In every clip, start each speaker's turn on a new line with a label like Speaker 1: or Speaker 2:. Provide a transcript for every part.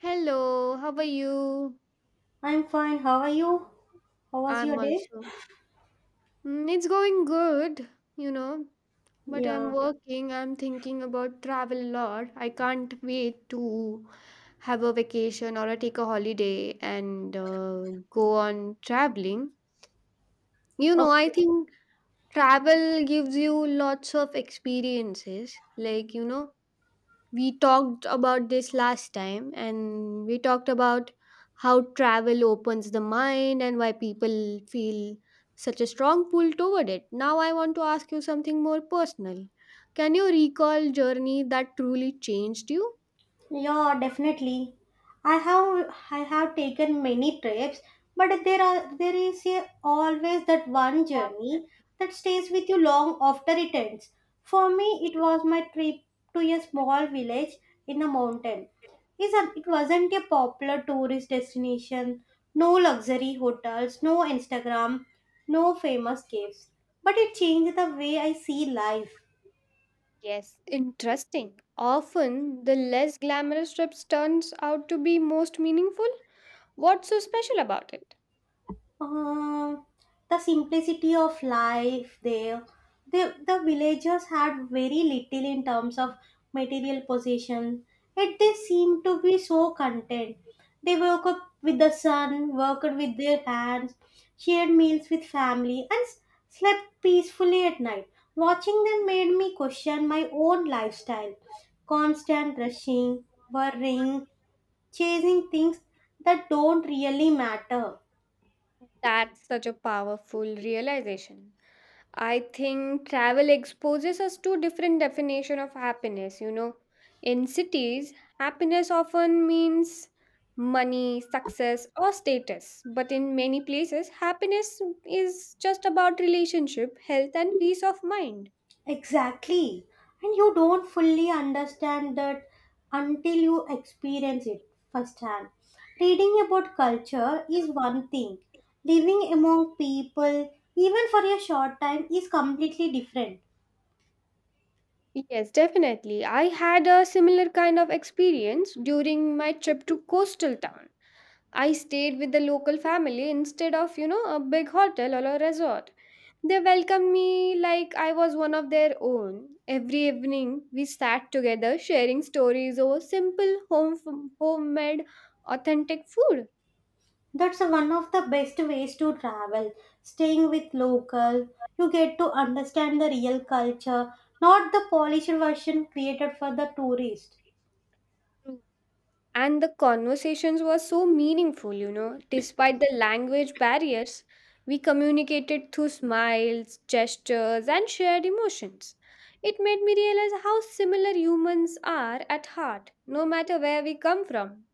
Speaker 1: Hello, how are you?
Speaker 2: I'm fine. How are you? How was
Speaker 1: I'm
Speaker 2: your day?
Speaker 1: also. It's going good, you know, but I'm
Speaker 2: Yeah.
Speaker 1: working. I'm thinking about travel a lot. I can't wait to have a vacation or take a holiday and go on traveling. I
Speaker 2: Okay.
Speaker 1: think travel gives you lots of experiences. Like, we talked about this last time and we talked about how travel opens the mind and why people feel such a strong pull toward it. Now I want to ask you something more personal. Can you recall journey that truly changed you?
Speaker 2: Yeah, definitely. I have taken many trips, but there is always that one journey that stays with you long after it ends. For me, it was my trip to a small village in a mountain. It wasn't a popular tourist destination, no luxury hotels, no Instagram, no famous caves. But it changed the way I see life.
Speaker 1: Yes, interesting. Often the less glamorous trips turns out to be most meaningful. What's so special about it?
Speaker 2: Um, the simplicity of life there. The villagers had very little in terms of material possession, yet they seemed to be so content. They woke up with the sun, worked with their hands, shared meals with family, and slept peacefully at night. Watching them made me question my own lifestyle. Constant rushing, worrying, chasing things that don't really matter.
Speaker 1: That's such a powerful realization. I think travel exposes us to different definition of happiness. In cities, happiness often means money, success or status, but in many places happiness is just about relationship, health and peace of mind.
Speaker 2: Exactly. And you don't fully understand that until you experience it firsthand. Reading about culture is one thing, living among people, even for a short time, is completely different.
Speaker 1: Yes, definitely. I had a similar kind of experience during my trip to coastal town. I stayed with the local family instead of a big hotel or a resort. They welcomed me like I was one of their own. Every evening, we sat together sharing stories over simple homemade authentic food.
Speaker 2: That's one of the best ways to travel, staying with local. You get to understand the real culture, not the polished version created for the tourist.
Speaker 1: And the conversations were so meaningful, despite the language barriers, we communicated through smiles, gestures and shared emotions. It made me realize how similar humans are at heart, no matter where we come from.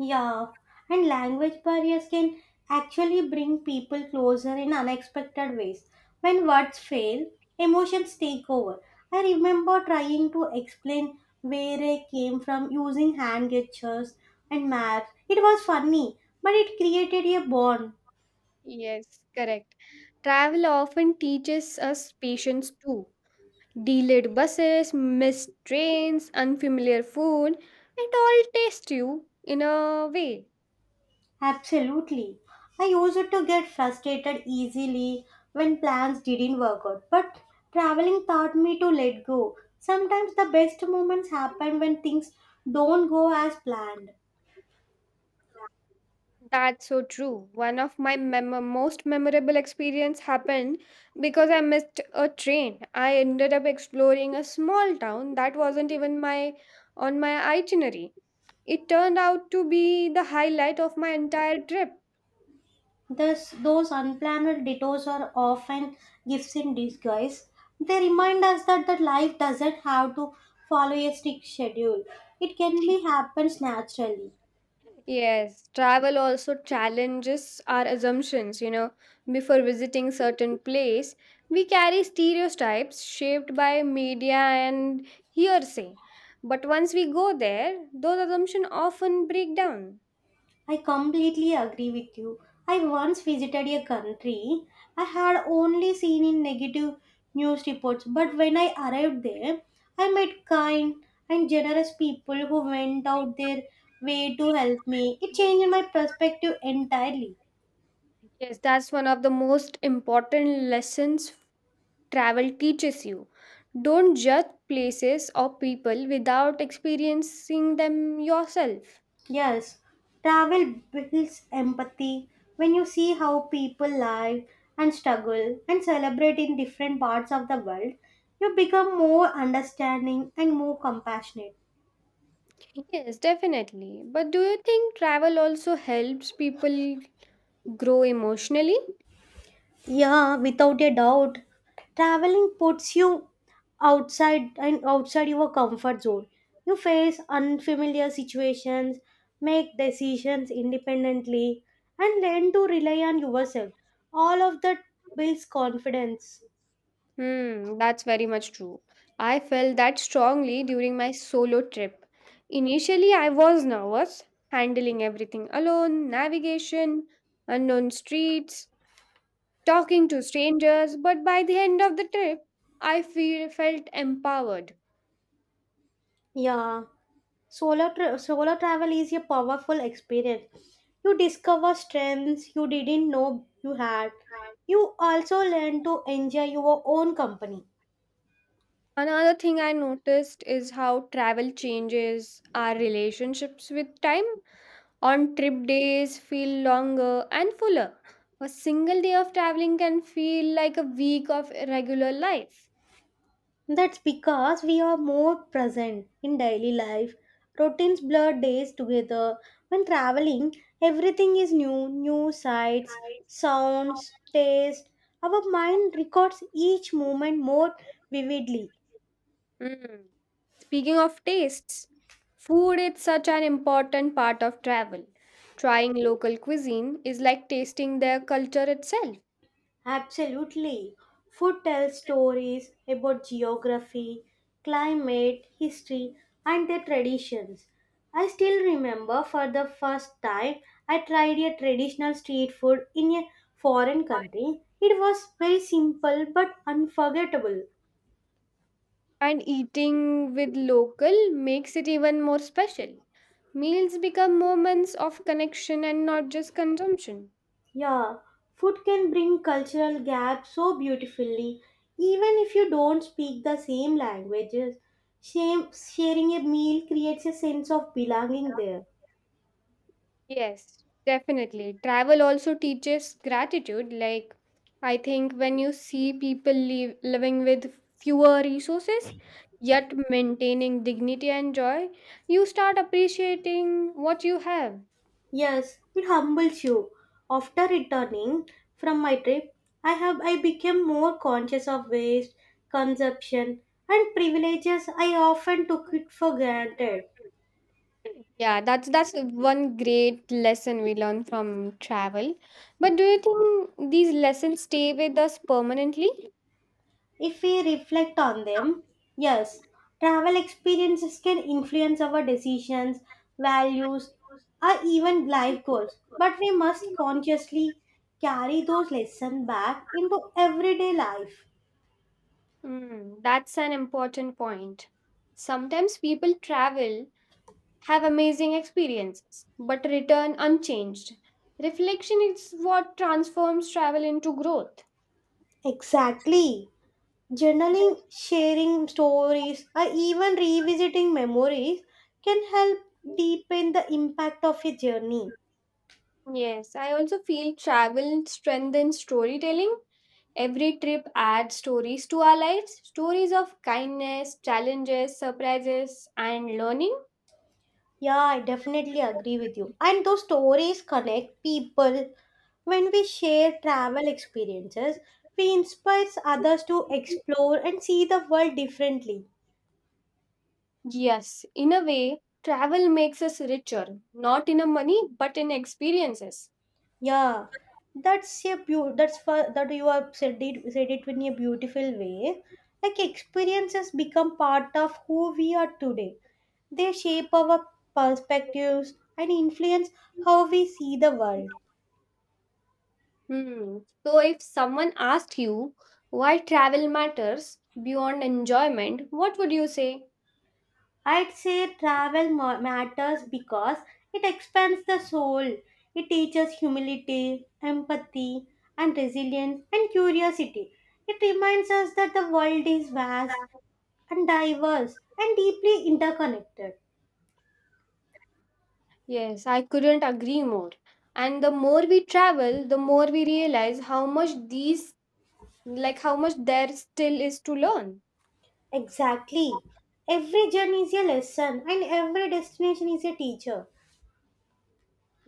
Speaker 2: Yeah, and language barriers can actually bring people closer in unexpected ways. When words fail, emotions take over. I remember trying to explain where I came from using hand gestures and maps. It was funny, but it created a bond.
Speaker 1: Yes, correct. Travel often teaches us patience too. Delayed buses, missed trains, unfamiliar food, it all tastes you in a way.
Speaker 2: Absolutely. I used to get frustrated easily when plans didn't work out, but traveling taught me to let go. Sometimes the best moments happen when things don't go as planned.
Speaker 1: That's so true. One of my most memorable experience happened because I missed a train. I ended up exploring a small town that wasn't even my on my itinerary. It turned out to be the highlight of my entire trip.
Speaker 2: Thus, those unplanned detours are often gifts in disguise. They remind us that the life doesn't have to follow a strict schedule. It can be happens naturally.
Speaker 1: Yes, travel also challenges our assumptions. Before visiting certain place, we carry stereotypes shaped by media and hearsay. But once we go there, those assumptions often break down.
Speaker 2: I completely agree with you. I once visited a country I had only seen in negative news reports, but when I arrived there, I met kind and generous people who went out their way to help me. It changed my perspective entirely.
Speaker 1: Yes, that's one of the most important lessons travel teaches you. Don't judge places or people without experiencing them yourself.
Speaker 2: Yes, travel builds empathy when you see how people live and struggle and celebrate in different parts of the world. You become more understanding and more compassionate.
Speaker 1: Yes, definitely. But do you think travel also helps people grow emotionally?
Speaker 2: Yeah, without a doubt. Traveling puts you outside and outside your comfort zone. You face unfamiliar situations, make decisions independently, and learn to rely on yourself. All of that builds confidence.
Speaker 1: Hmm, that's very much true. I felt that strongly during my solo trip. Initially, I was nervous, handling everything alone, navigation, unknown streets, talking to strangers, but by the end of the trip, I felt empowered.
Speaker 2: Yeah, solo travel is a powerful experience. You discover strengths you didn't know you had. You also learn to enjoy your own company.
Speaker 1: Another thing I noticed is how travel changes our relationships with time. On trip days feel longer and fuller. A single day of traveling can feel like a week of irregular life.
Speaker 2: That's because we are more present in daily life. Routines blur days together. When traveling, everything is new new sights, sounds, taste. Our mind records each moment more vividly.
Speaker 1: Mm. Speaking of tastes, food is such an important part of travel. Trying local cuisine is like tasting their culture itself.
Speaker 2: Absolutely. Food tells stories about geography, climate, history, and their traditions. I still remember for the first time I tried a traditional street food in a foreign country. It was very simple but unforgettable.
Speaker 1: And eating with local makes it even more special. Meals become moments of connection and not just consumption.
Speaker 2: Yeah, food can bring cultural gaps so beautifully, even if you don't speak the same languages. Sharing a meal creates a sense of belonging there.
Speaker 1: Yes, definitely. Travel also teaches gratitude. Like, I think when you see people living with fewer resources, yet maintaining dignity and joy, you start appreciating what you have.
Speaker 2: Yes, it humbles you. After returning from my trip, I became more conscious of waste, consumption, and privileges I often took it for granted.
Speaker 1: Yeah, that's one great lesson we learn from travel. But do you think these lessons stay with us permanently?
Speaker 2: If we reflect on them, yes, travel experiences can influence our decisions, values, or even life goals. But we must consciously carry those lessons back into everyday life.
Speaker 1: Hmm, that's an important point. Sometimes people travel, have amazing experiences, but return unchanged. Reflection is what transforms travel into growth.
Speaker 2: Exactly. Journaling, sharing stories, or even revisiting memories can help deepen the impact of a journey.
Speaker 1: Yes, I also feel travel strengthens storytelling. Every trip adds stories to our lives, stories of kindness, challenges, surprises, and learning.
Speaker 2: Yeah, I definitely agree with you. And those stories connect people. When we share travel experiences, we inspire others to explore and see the world differently.
Speaker 1: Yes, in a way, travel makes us richer, not in a money, but in experiences.
Speaker 2: Yeah, that's for that you have said it in a beautiful way. Like experiences become part of who we are today. They shape our perspectives and influence how we see the world.
Speaker 1: Hmm. So, if someone asked you why travel matters beyond enjoyment, what would you say?
Speaker 2: I'd say matters because it expands the soul. It teaches humility, empathy, and resilience and curiosity. It reminds us that the world is vast and diverse and deeply interconnected.
Speaker 1: Yes, I couldn't agree more. And the more we travel, the more we realize like how much there still is to learn.
Speaker 2: Exactly. Every journey is a lesson and every destination is a teacher.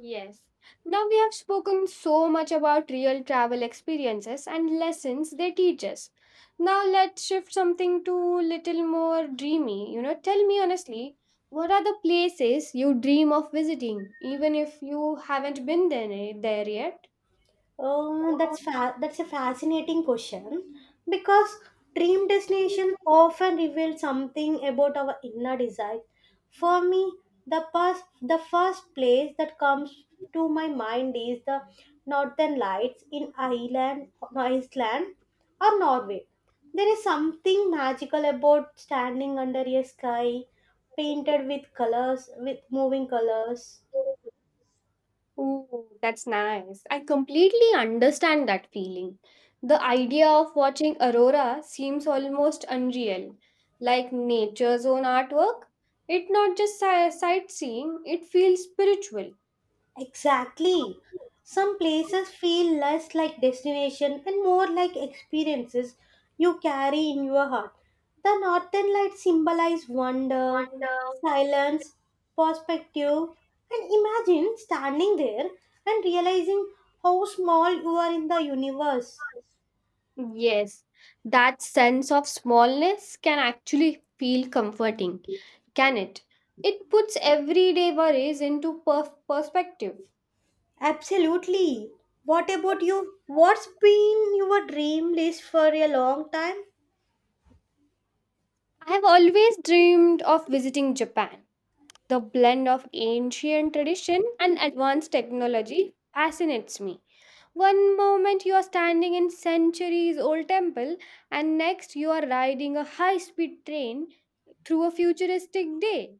Speaker 1: Yes. Now we have spoken so much about real travel experiences and lessons they teach us. Now let's shift something to little more dreamy. Tell me honestly, what are the places you dream of visiting, even if you haven't been there yet?
Speaker 2: Oh, that's a fascinating question because dream destination often reveal something about our inner desire. For me, the first place that comes to my mind is the Northern Lights in Ireland, Iceland, or Norway. There is something magical about standing under a sky painted with colors, with moving colors.
Speaker 1: Ooh, that's nice. I completely understand that feeling. The idea of watching aurora seems almost unreal, like nature's own artwork. It not just sightseeing, it feels spiritual.
Speaker 2: Exactly. Some places feel less like destination and more like experiences you carry in your heart. The northern lights symbolize wonder,
Speaker 1: Wonder.
Speaker 2: silence, perspective, and imagine standing there and realizing how small you are in the universe.
Speaker 1: Yes, that sense of smallness can actually feel comforting, can it? It puts everyday worries into perspective.
Speaker 2: Absolutely. What about you? What's been your dream list for a long time?
Speaker 1: I have always dreamed of visiting Japan. The blend of ancient tradition and advanced technology fascinates me. One moment you are standing in centuries old temple and next you are riding a high speed train through a futuristic day.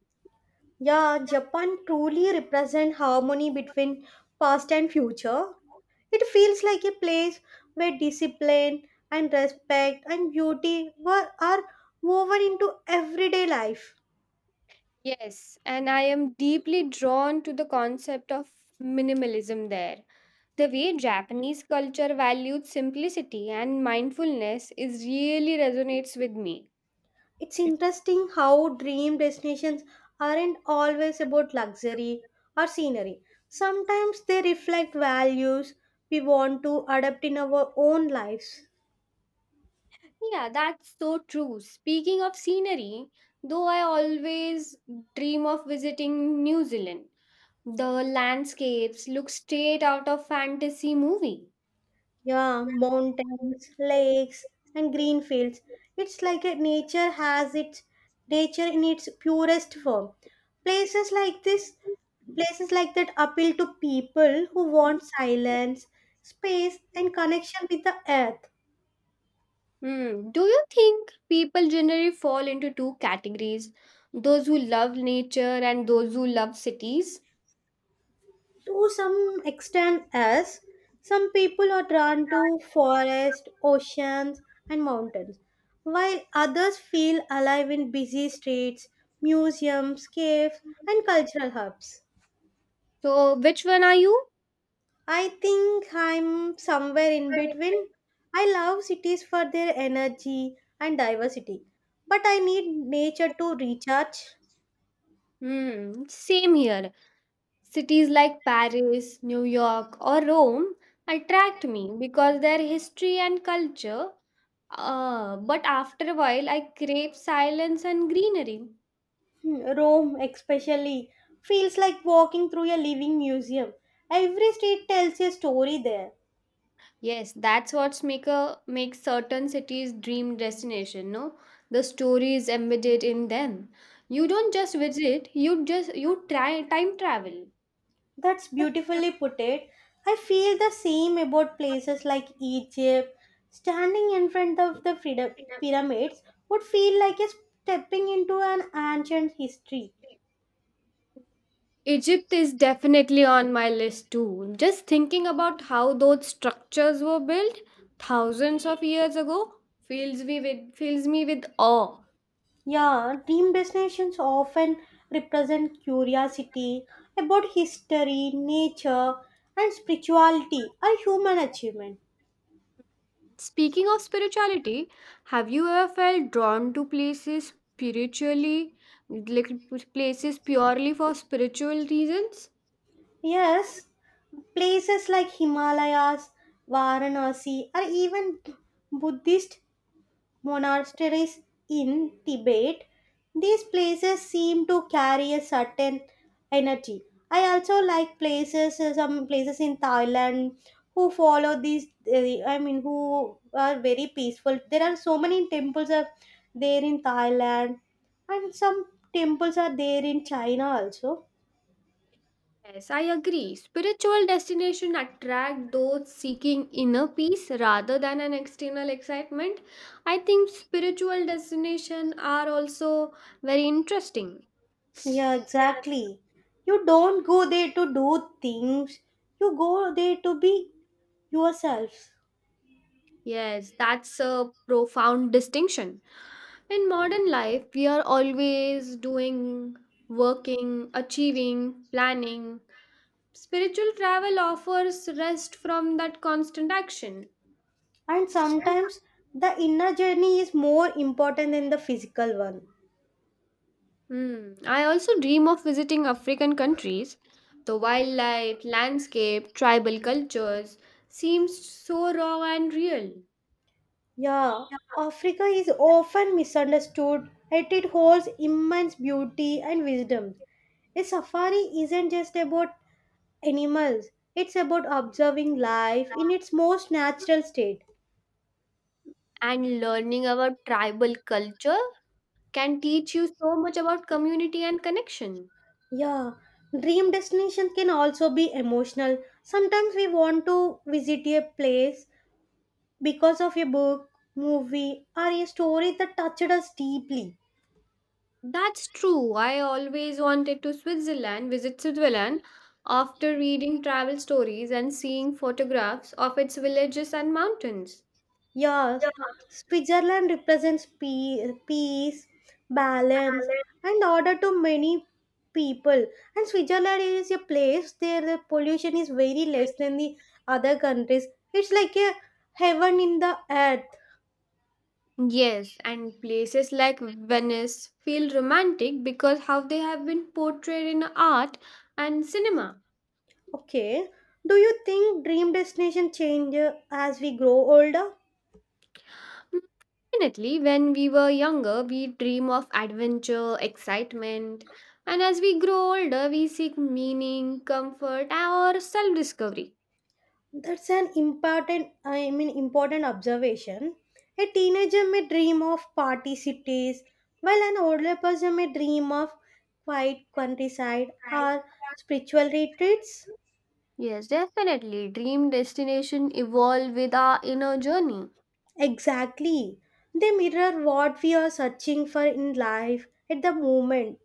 Speaker 2: Yeah, Japan truly represents harmony between past and future. It feels like a place where discipline and respect and beauty are woven into everyday life.
Speaker 1: Yes, and I am deeply drawn to the concept of minimalism there. The way Japanese culture valued simplicity and mindfulness is really resonates with me.
Speaker 2: It's interesting how dream destinations aren't always about luxury or scenery. Sometimes they reflect values we want to adapt in our own lives.
Speaker 1: Yeah, that's so true. Speaking of scenery, though I always dream of visiting New Zealand, the landscapes look straight out of fantasy movie.
Speaker 2: Yeah, mountains, lakes, and green fields. It's like a nature has its nature in its purest form. Places like this, Places like that appeal to people who want silence, space, and connection with the earth.
Speaker 1: Hmm. Do you think people generally fall into two categories? Those who love nature and those who love cities?
Speaker 2: To some extent, as some people are drawn to forests, oceans, and mountains, while others feel alive in busy streets, museums, caves, and cultural hubs.
Speaker 1: So, which one are you?
Speaker 2: I think I'm somewhere in between. I love cities for their energy and diversity, but I need nature to recharge.
Speaker 1: Hmm, same here. Cities like Paris, New York, or Rome attract me because their history and culture. But after a while, I crave silence and greenery.
Speaker 2: Hmm, Rome, especially, feels like walking through a living museum. Every street tells a story there.
Speaker 1: Yes, that's what's make certain cities dream destination, no? The story is embedded in them. You don't just visit, you try time travel.
Speaker 2: That's beautifully put it. I feel the same about places like Egypt. Standing in front of the pyramids would feel like a stepping into an ancient history.
Speaker 1: Egypt is definitely on my list too. Just thinking about how those structures were built thousands of years ago fills me with awe.
Speaker 2: Yeah, dream destinations often represent curiosity about history, nature, and spirituality, a human achievement.
Speaker 1: Speaking of spirituality, have you ever felt drawn to places spiritually, like places purely for spiritual reasons?
Speaker 2: Yes, places like Himalayas, Varanasi, or even Buddhist monasteries in Tibet, these places seem to carry a certain energy. I also like places, some places in Thailand who follow these, I mean, who are very peaceful. There are so many temples are there in Thailand, and some temples are there in China also.
Speaker 1: Yes, I agree. Spiritual destinations attract those seeking inner peace rather than an external excitement. I think spiritual destinations are also very interesting.
Speaker 2: Yeah,
Speaker 1: Yes,
Speaker 2: exactly. You don't go there to do things, you go there to be yourself.
Speaker 1: yes, that's a profound distinction. In modern life, we are always doing, working, achieving, planning. Spiritual travel offers rest from that constant action.
Speaker 2: And sometimes the inner journey is more important than the physical one.
Speaker 1: Hmm. I also dream of visiting African countries. The wildlife, landscape, tribal cultures seems so raw and real.
Speaker 2: Yeah, Africa is often misunderstood, yet it holds immense beauty and wisdom. A safari isn't just about animals, it's about observing life in its most natural state.
Speaker 1: And learning about tribal culture can teach you so much about community and connection.
Speaker 2: Yeah, dream destination can also be emotional. Sometimes we want to visit a place because of a book, movie, or a story that touched us deeply.
Speaker 1: That's true. I always wanted to visit Switzerland after reading travel stories and seeing photographs of its villages and mountains.
Speaker 2: Yeah, Switzerland represents peace, balance, and order to many people. And Switzerland is a place where the pollution is very less than the other countries. It's like a heaven in the earth.
Speaker 1: Yes, and places like Venice feel romantic because how they have been portrayed in art and cinema.
Speaker 2: Okay. Do you think dream destination change as we grow older?
Speaker 1: Mm, Definitely, when we were younger, we dream of adventure, excitement, and as we grow older, we seek meaning, comfort, or self discovery.
Speaker 2: That's an important I mean important observation. A teenager may dream of party cities, while an older person may dream of quiet countryside or spiritual retreats.
Speaker 1: Yes, definitely, dream destination evolve with our inner journey.
Speaker 2: Exactly. They mirror what we are searching for in life at the moment.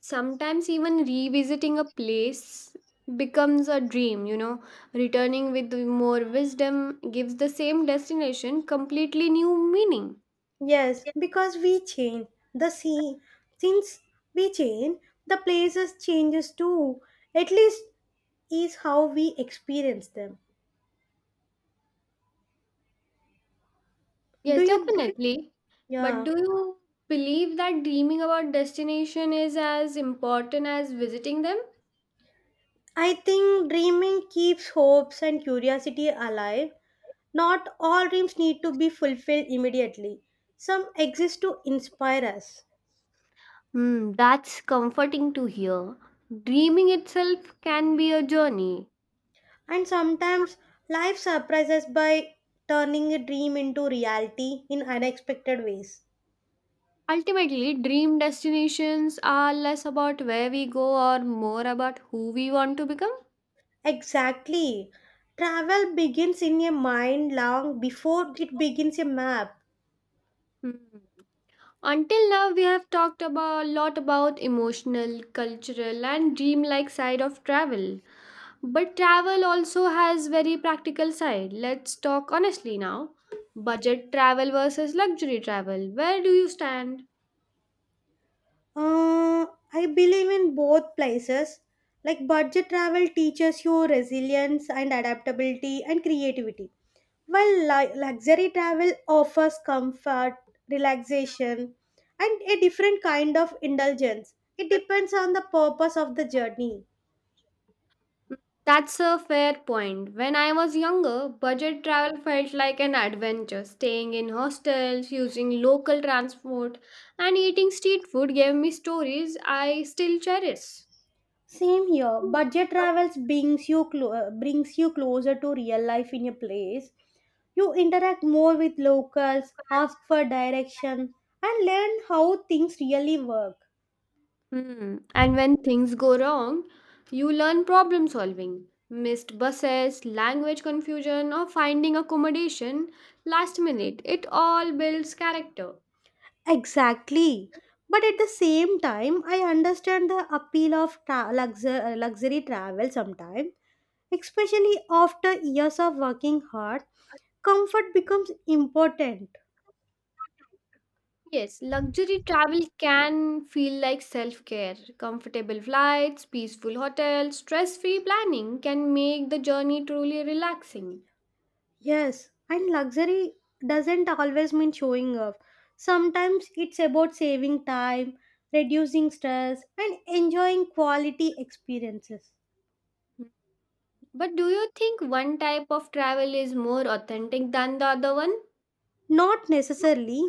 Speaker 1: Sometimes, even revisiting a place becomes a dream, returning with more wisdom gives the same destination completely new meaning.
Speaker 2: Yes, because we change the scene. Since we change, the places changes too. At least is how we experience them.
Speaker 1: Yes,
Speaker 2: Do you?
Speaker 1: definitely. But
Speaker 2: Yeah.
Speaker 1: do you believe that dreaming about destination is as important as visiting them?
Speaker 2: I think dreaming keeps hopes and curiosity alive. Not all dreams need to be fulfilled immediately. Some exist to inspire us.
Speaker 1: Hmm, that's comforting to hear. Dreaming itself can be a journey.
Speaker 2: And sometimes life surprises by turning a dream into reality in unexpected ways.
Speaker 1: Ultimately, dream destinations are less about where we go or more about who we want to become.
Speaker 2: Exactly. Travel begins in a mind long before it begins a map.
Speaker 1: Hmm. Until now, we have talked about a lot about emotional, cultural, and dream-like side of travel. But travel also has very practical side. Let's talk honestly now. Budget travel versus luxury travel. Where do you stand?
Speaker 2: Uh, I believe in both places. Like budget travel teaches you resilience and adaptability and creativity, while luxury travel offers comfort, relaxation, and a different kind of indulgence. It depends on the purpose of the journey.
Speaker 1: That's a fair point. When I was younger, budget travel felt like an adventure. Staying in hostels, using local transport, and eating street food gave me stories I still cherish.
Speaker 2: Same here. Budget travels brings you brings you closer to real life in a place. You interact more with locals, ask for direction, and learn how things really work.
Speaker 1: Hmm. And when things go wrong, you learn problem solving. Missed buses, language confusion, or finding accommodation last minute. It all builds character.
Speaker 2: Exactly. But at the same time, I understand the appeal of luxury travel sometimes, especially after years of working hard. Comfort becomes important.
Speaker 1: Yes, luxury travel can feel like self care. Comfortable flights, peaceful hotels, stress free planning can make the journey truly relaxing.
Speaker 2: Yes, and luxury doesn't always mean showing off. Sometimes it's about saving time, reducing stress, and enjoying quality experiences.
Speaker 1: But do you think one type of travel is more authentic than the other one?
Speaker 2: Not necessarily.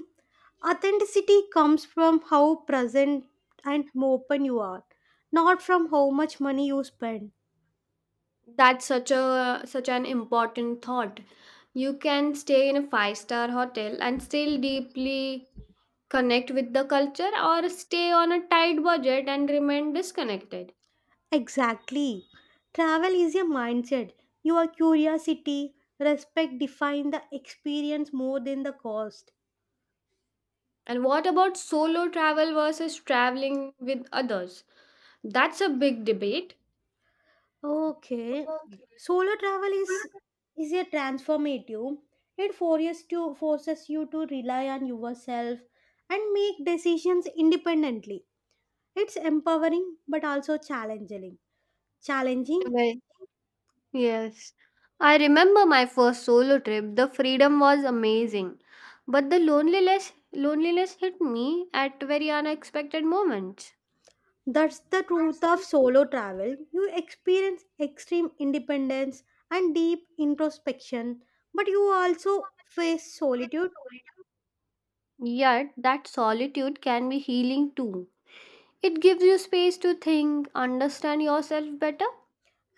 Speaker 2: Authenticity comes from how present and open you are, not from how much money you spend.
Speaker 1: That's such an important thought. You can stay in a five-star hotel and still deeply connect with the culture or stay on a tight budget and remain disconnected.
Speaker 2: Exactly. Travel is a mindset. Your curiosity, respect define the experience more than the cost.
Speaker 1: And what about solo travel versus traveling with others? That's a big debate.
Speaker 2: Okay.
Speaker 1: Okay.
Speaker 2: Solo travel is a transformative. It forces to forces you to rely on yourself and make decisions independently. It's empowering but also challenging. Challenging.
Speaker 1: Well, yes. I remember my first solo trip. The freedom was amazing. But the loneliness hit me at very unexpected moments.
Speaker 2: That's the truth of
Speaker 1: That's
Speaker 2: solo travel. You experience extreme independence and deep introspection, but you also face solitude.
Speaker 1: the Yet, that solitude can be healing too. It gives you space to think, understand yourself better.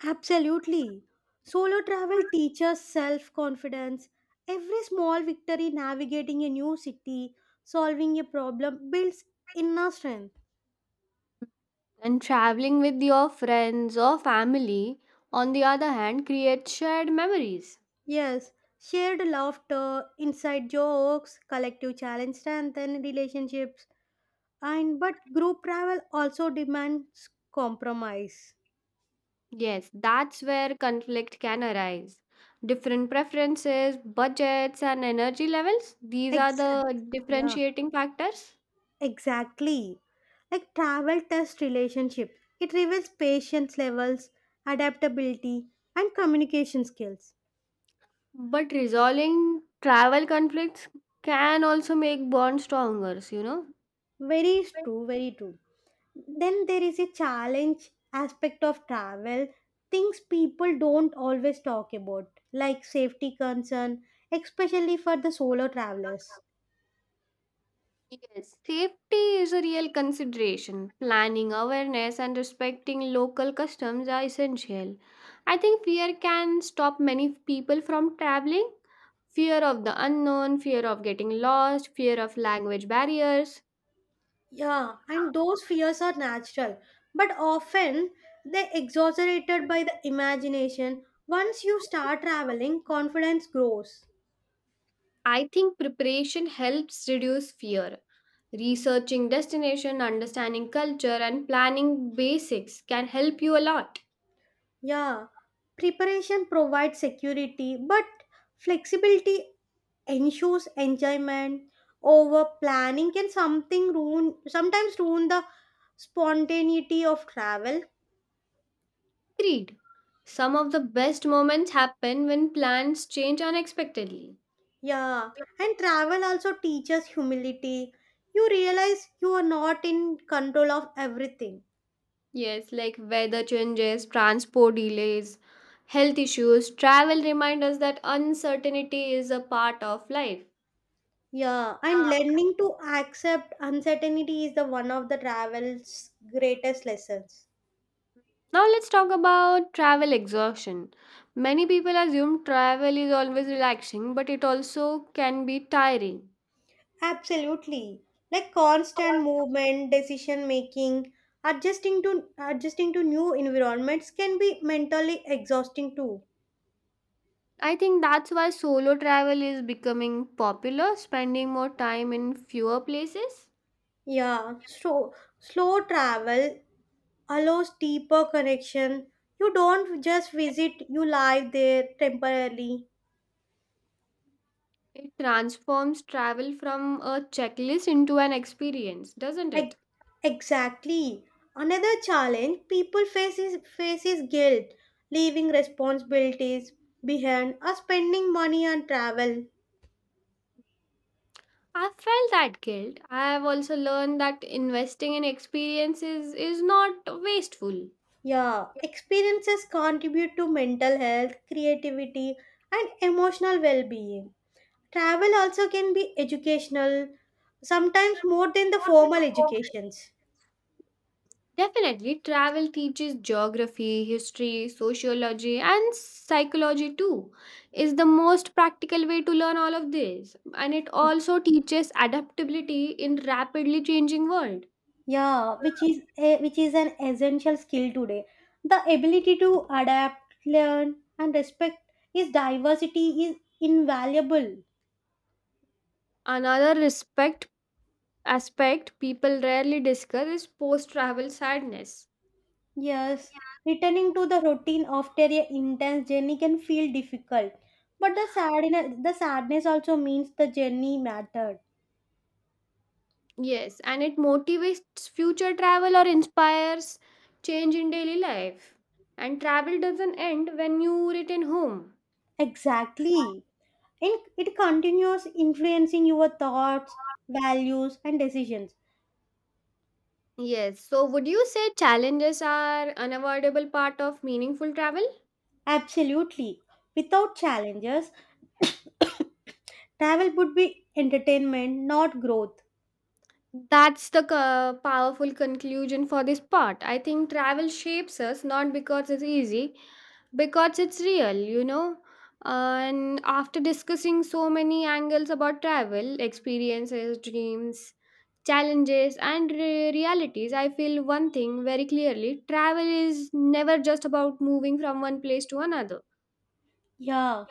Speaker 2: Absolutely. Solo travel teaches self confidence. Every small victory navigating a new city, solving a problem builds inner strength.
Speaker 1: And traveling with your friends or family, on the other hand, creates shared memories.
Speaker 2: Yes, shared laughter, inside jokes, collective challenge strengthen relationships. And but group travel also demands compromise.
Speaker 1: Yes, that's where conflict can arise. Different preferences, budgets, and energy levels, these are
Speaker 2: Exactly.
Speaker 1: the
Speaker 2: Yeah.
Speaker 1: differentiating factors.
Speaker 2: Exactly. Like travel test relationship. It reveals patience levels, adaptability, and communication skills.
Speaker 1: But resolving travel conflicts can also make bonds stronger, you know?
Speaker 2: Very
Speaker 1: Yes.
Speaker 2: true, very true. Then there is a challenge aspect of travel, things people don't always talk about, like safety concern, especially for the solo travelers.
Speaker 1: Safety is a real consideration. Planning awareness and respecting local customs are essential. I think fear can stop many people from traveling. Fear of the unknown, fear of getting lost, fear of language barriers.
Speaker 2: Yeah, and those fears are natural, but often they're exaggerated by the imagination. Once you start traveling, confidence grows.
Speaker 1: I think preparation helps reduce fear. Researching destination, understanding culture, and planning basics can help you a lot.
Speaker 2: Yeah, preparation provides security, but flexibility ensures enjoyment. Over planning can something ruin sometimes ruin the spontaneity of travel.
Speaker 1: Agreed. Some of the best moments happen when plans change unexpectedly.
Speaker 2: Yeah, and travel also teaches humility. You realize you are not in control of everything.
Speaker 1: Yes, like weather changes, transport delays, health issues, travel reminds us that uncertainty is a part of life.
Speaker 2: Yeah, and learning to accept uncertainty is the one of the travel's greatest lessons.
Speaker 1: Now let's talk about travel exhaustion. Many people assume travel is always relaxing, but it also can be tiring.
Speaker 2: Absolutely. Like constant movement, decision making, adjusting to new environments can be mentally exhausting too.
Speaker 1: I think that's why solo travel is becoming popular, spending more time in fewer places.
Speaker 2: Yeah, so slow travel allows deeper connection. You don't just visit, you live there temporarily.
Speaker 1: It transforms travel from a checklist into an experience, doesn't it?
Speaker 2: Ex- Exactly. Another challenge people face face is guilt, leaving responsibilities behind or spending money on travel.
Speaker 1: I felt that guilt. I have also learned that investing in experiences is not wasteful.
Speaker 2: Yeah, experiences contribute to mental health, creativity, and emotional well being. Travel also can be educational, sometimes more than the formal educations.
Speaker 1: Definitely, travel teaches geography, history, sociology, and psychology too. Is the most practical way to learn all of this, and it also teaches adaptability in rapidly changing world.
Speaker 2: Yeah, which is an essential skill today. The ability to adapt, learn, and respect is diversity is invaluable.
Speaker 1: Another respect aspect people rarely discuss is post-travel sadness.
Speaker 2: Yes, returning to the routine after a intense journey can feel difficult, but the sadness also means the journey mattered.
Speaker 1: Yes, and it motivates future travel or inspires change in daily life. And travel doesn't end when you return home.
Speaker 2: Exactly, and it continues influencing your thoughts, values, and decisions.
Speaker 1: Yes. So, would you say challenges are unavoidable part of meaningful travel?
Speaker 2: Absolutely, without challenges travel would be entertainment, not growth.
Speaker 1: That's the powerful conclusion for this part. I think travel shapes us not because it's easy, because it's real. And after discussing so many angles about travel, experiences, dreams, challenges, and realities, I feel one thing very clearly travel is never just about moving from one place to another.
Speaker 2: Yeah,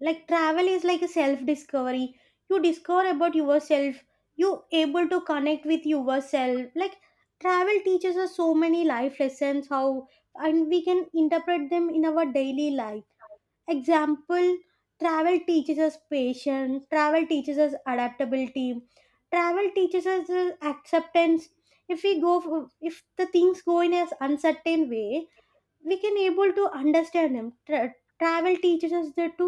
Speaker 2: like travel is like a self discovery. You discover about yourself. You able to connect with yourself. Like travel teaches us so many life lessons how and we can interpret them in our daily life. Example, travel teaches us patience, travel teaches us adaptability, travel teaches us acceptance. If we go for, if the things go in an uncertain way, we can able to understand him. Travel teaches us that to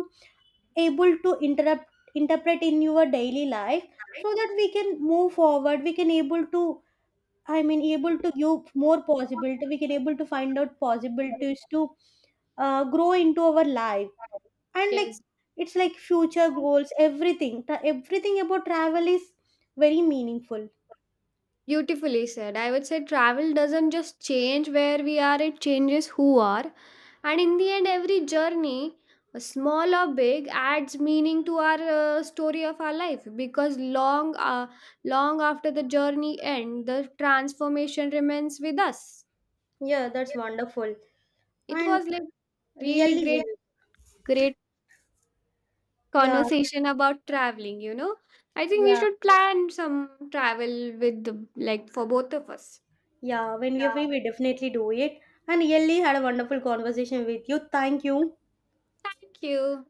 Speaker 2: able to interrupt interpret in your daily life, so that we can move forward, we can able to, I mean, able to give more possibility, we can able to find out possibilities to grow into our life, and like
Speaker 1: Yes,
Speaker 2: it's like future goals, everything about travel is very meaningful.
Speaker 1: beautifully said. I would say travel doesn't just change where we are, it changes who are. And in the end, every journey, small or big, adds meaning to our story of our life because long after the journey end, the transformation remains with us.
Speaker 2: Yeah, that's wonderful.
Speaker 1: It
Speaker 2: And
Speaker 1: was like really
Speaker 2: really,
Speaker 1: great, great
Speaker 2: yeah,
Speaker 1: conversation about traveling. I think we
Speaker 2: yeah,
Speaker 1: should plan some travel with like for both of us.
Speaker 2: yeah, when we
Speaker 1: Yeah.
Speaker 2: are free, we definitely do it. And really had a wonderful conversation with you. Thank you.
Speaker 1: Thank you.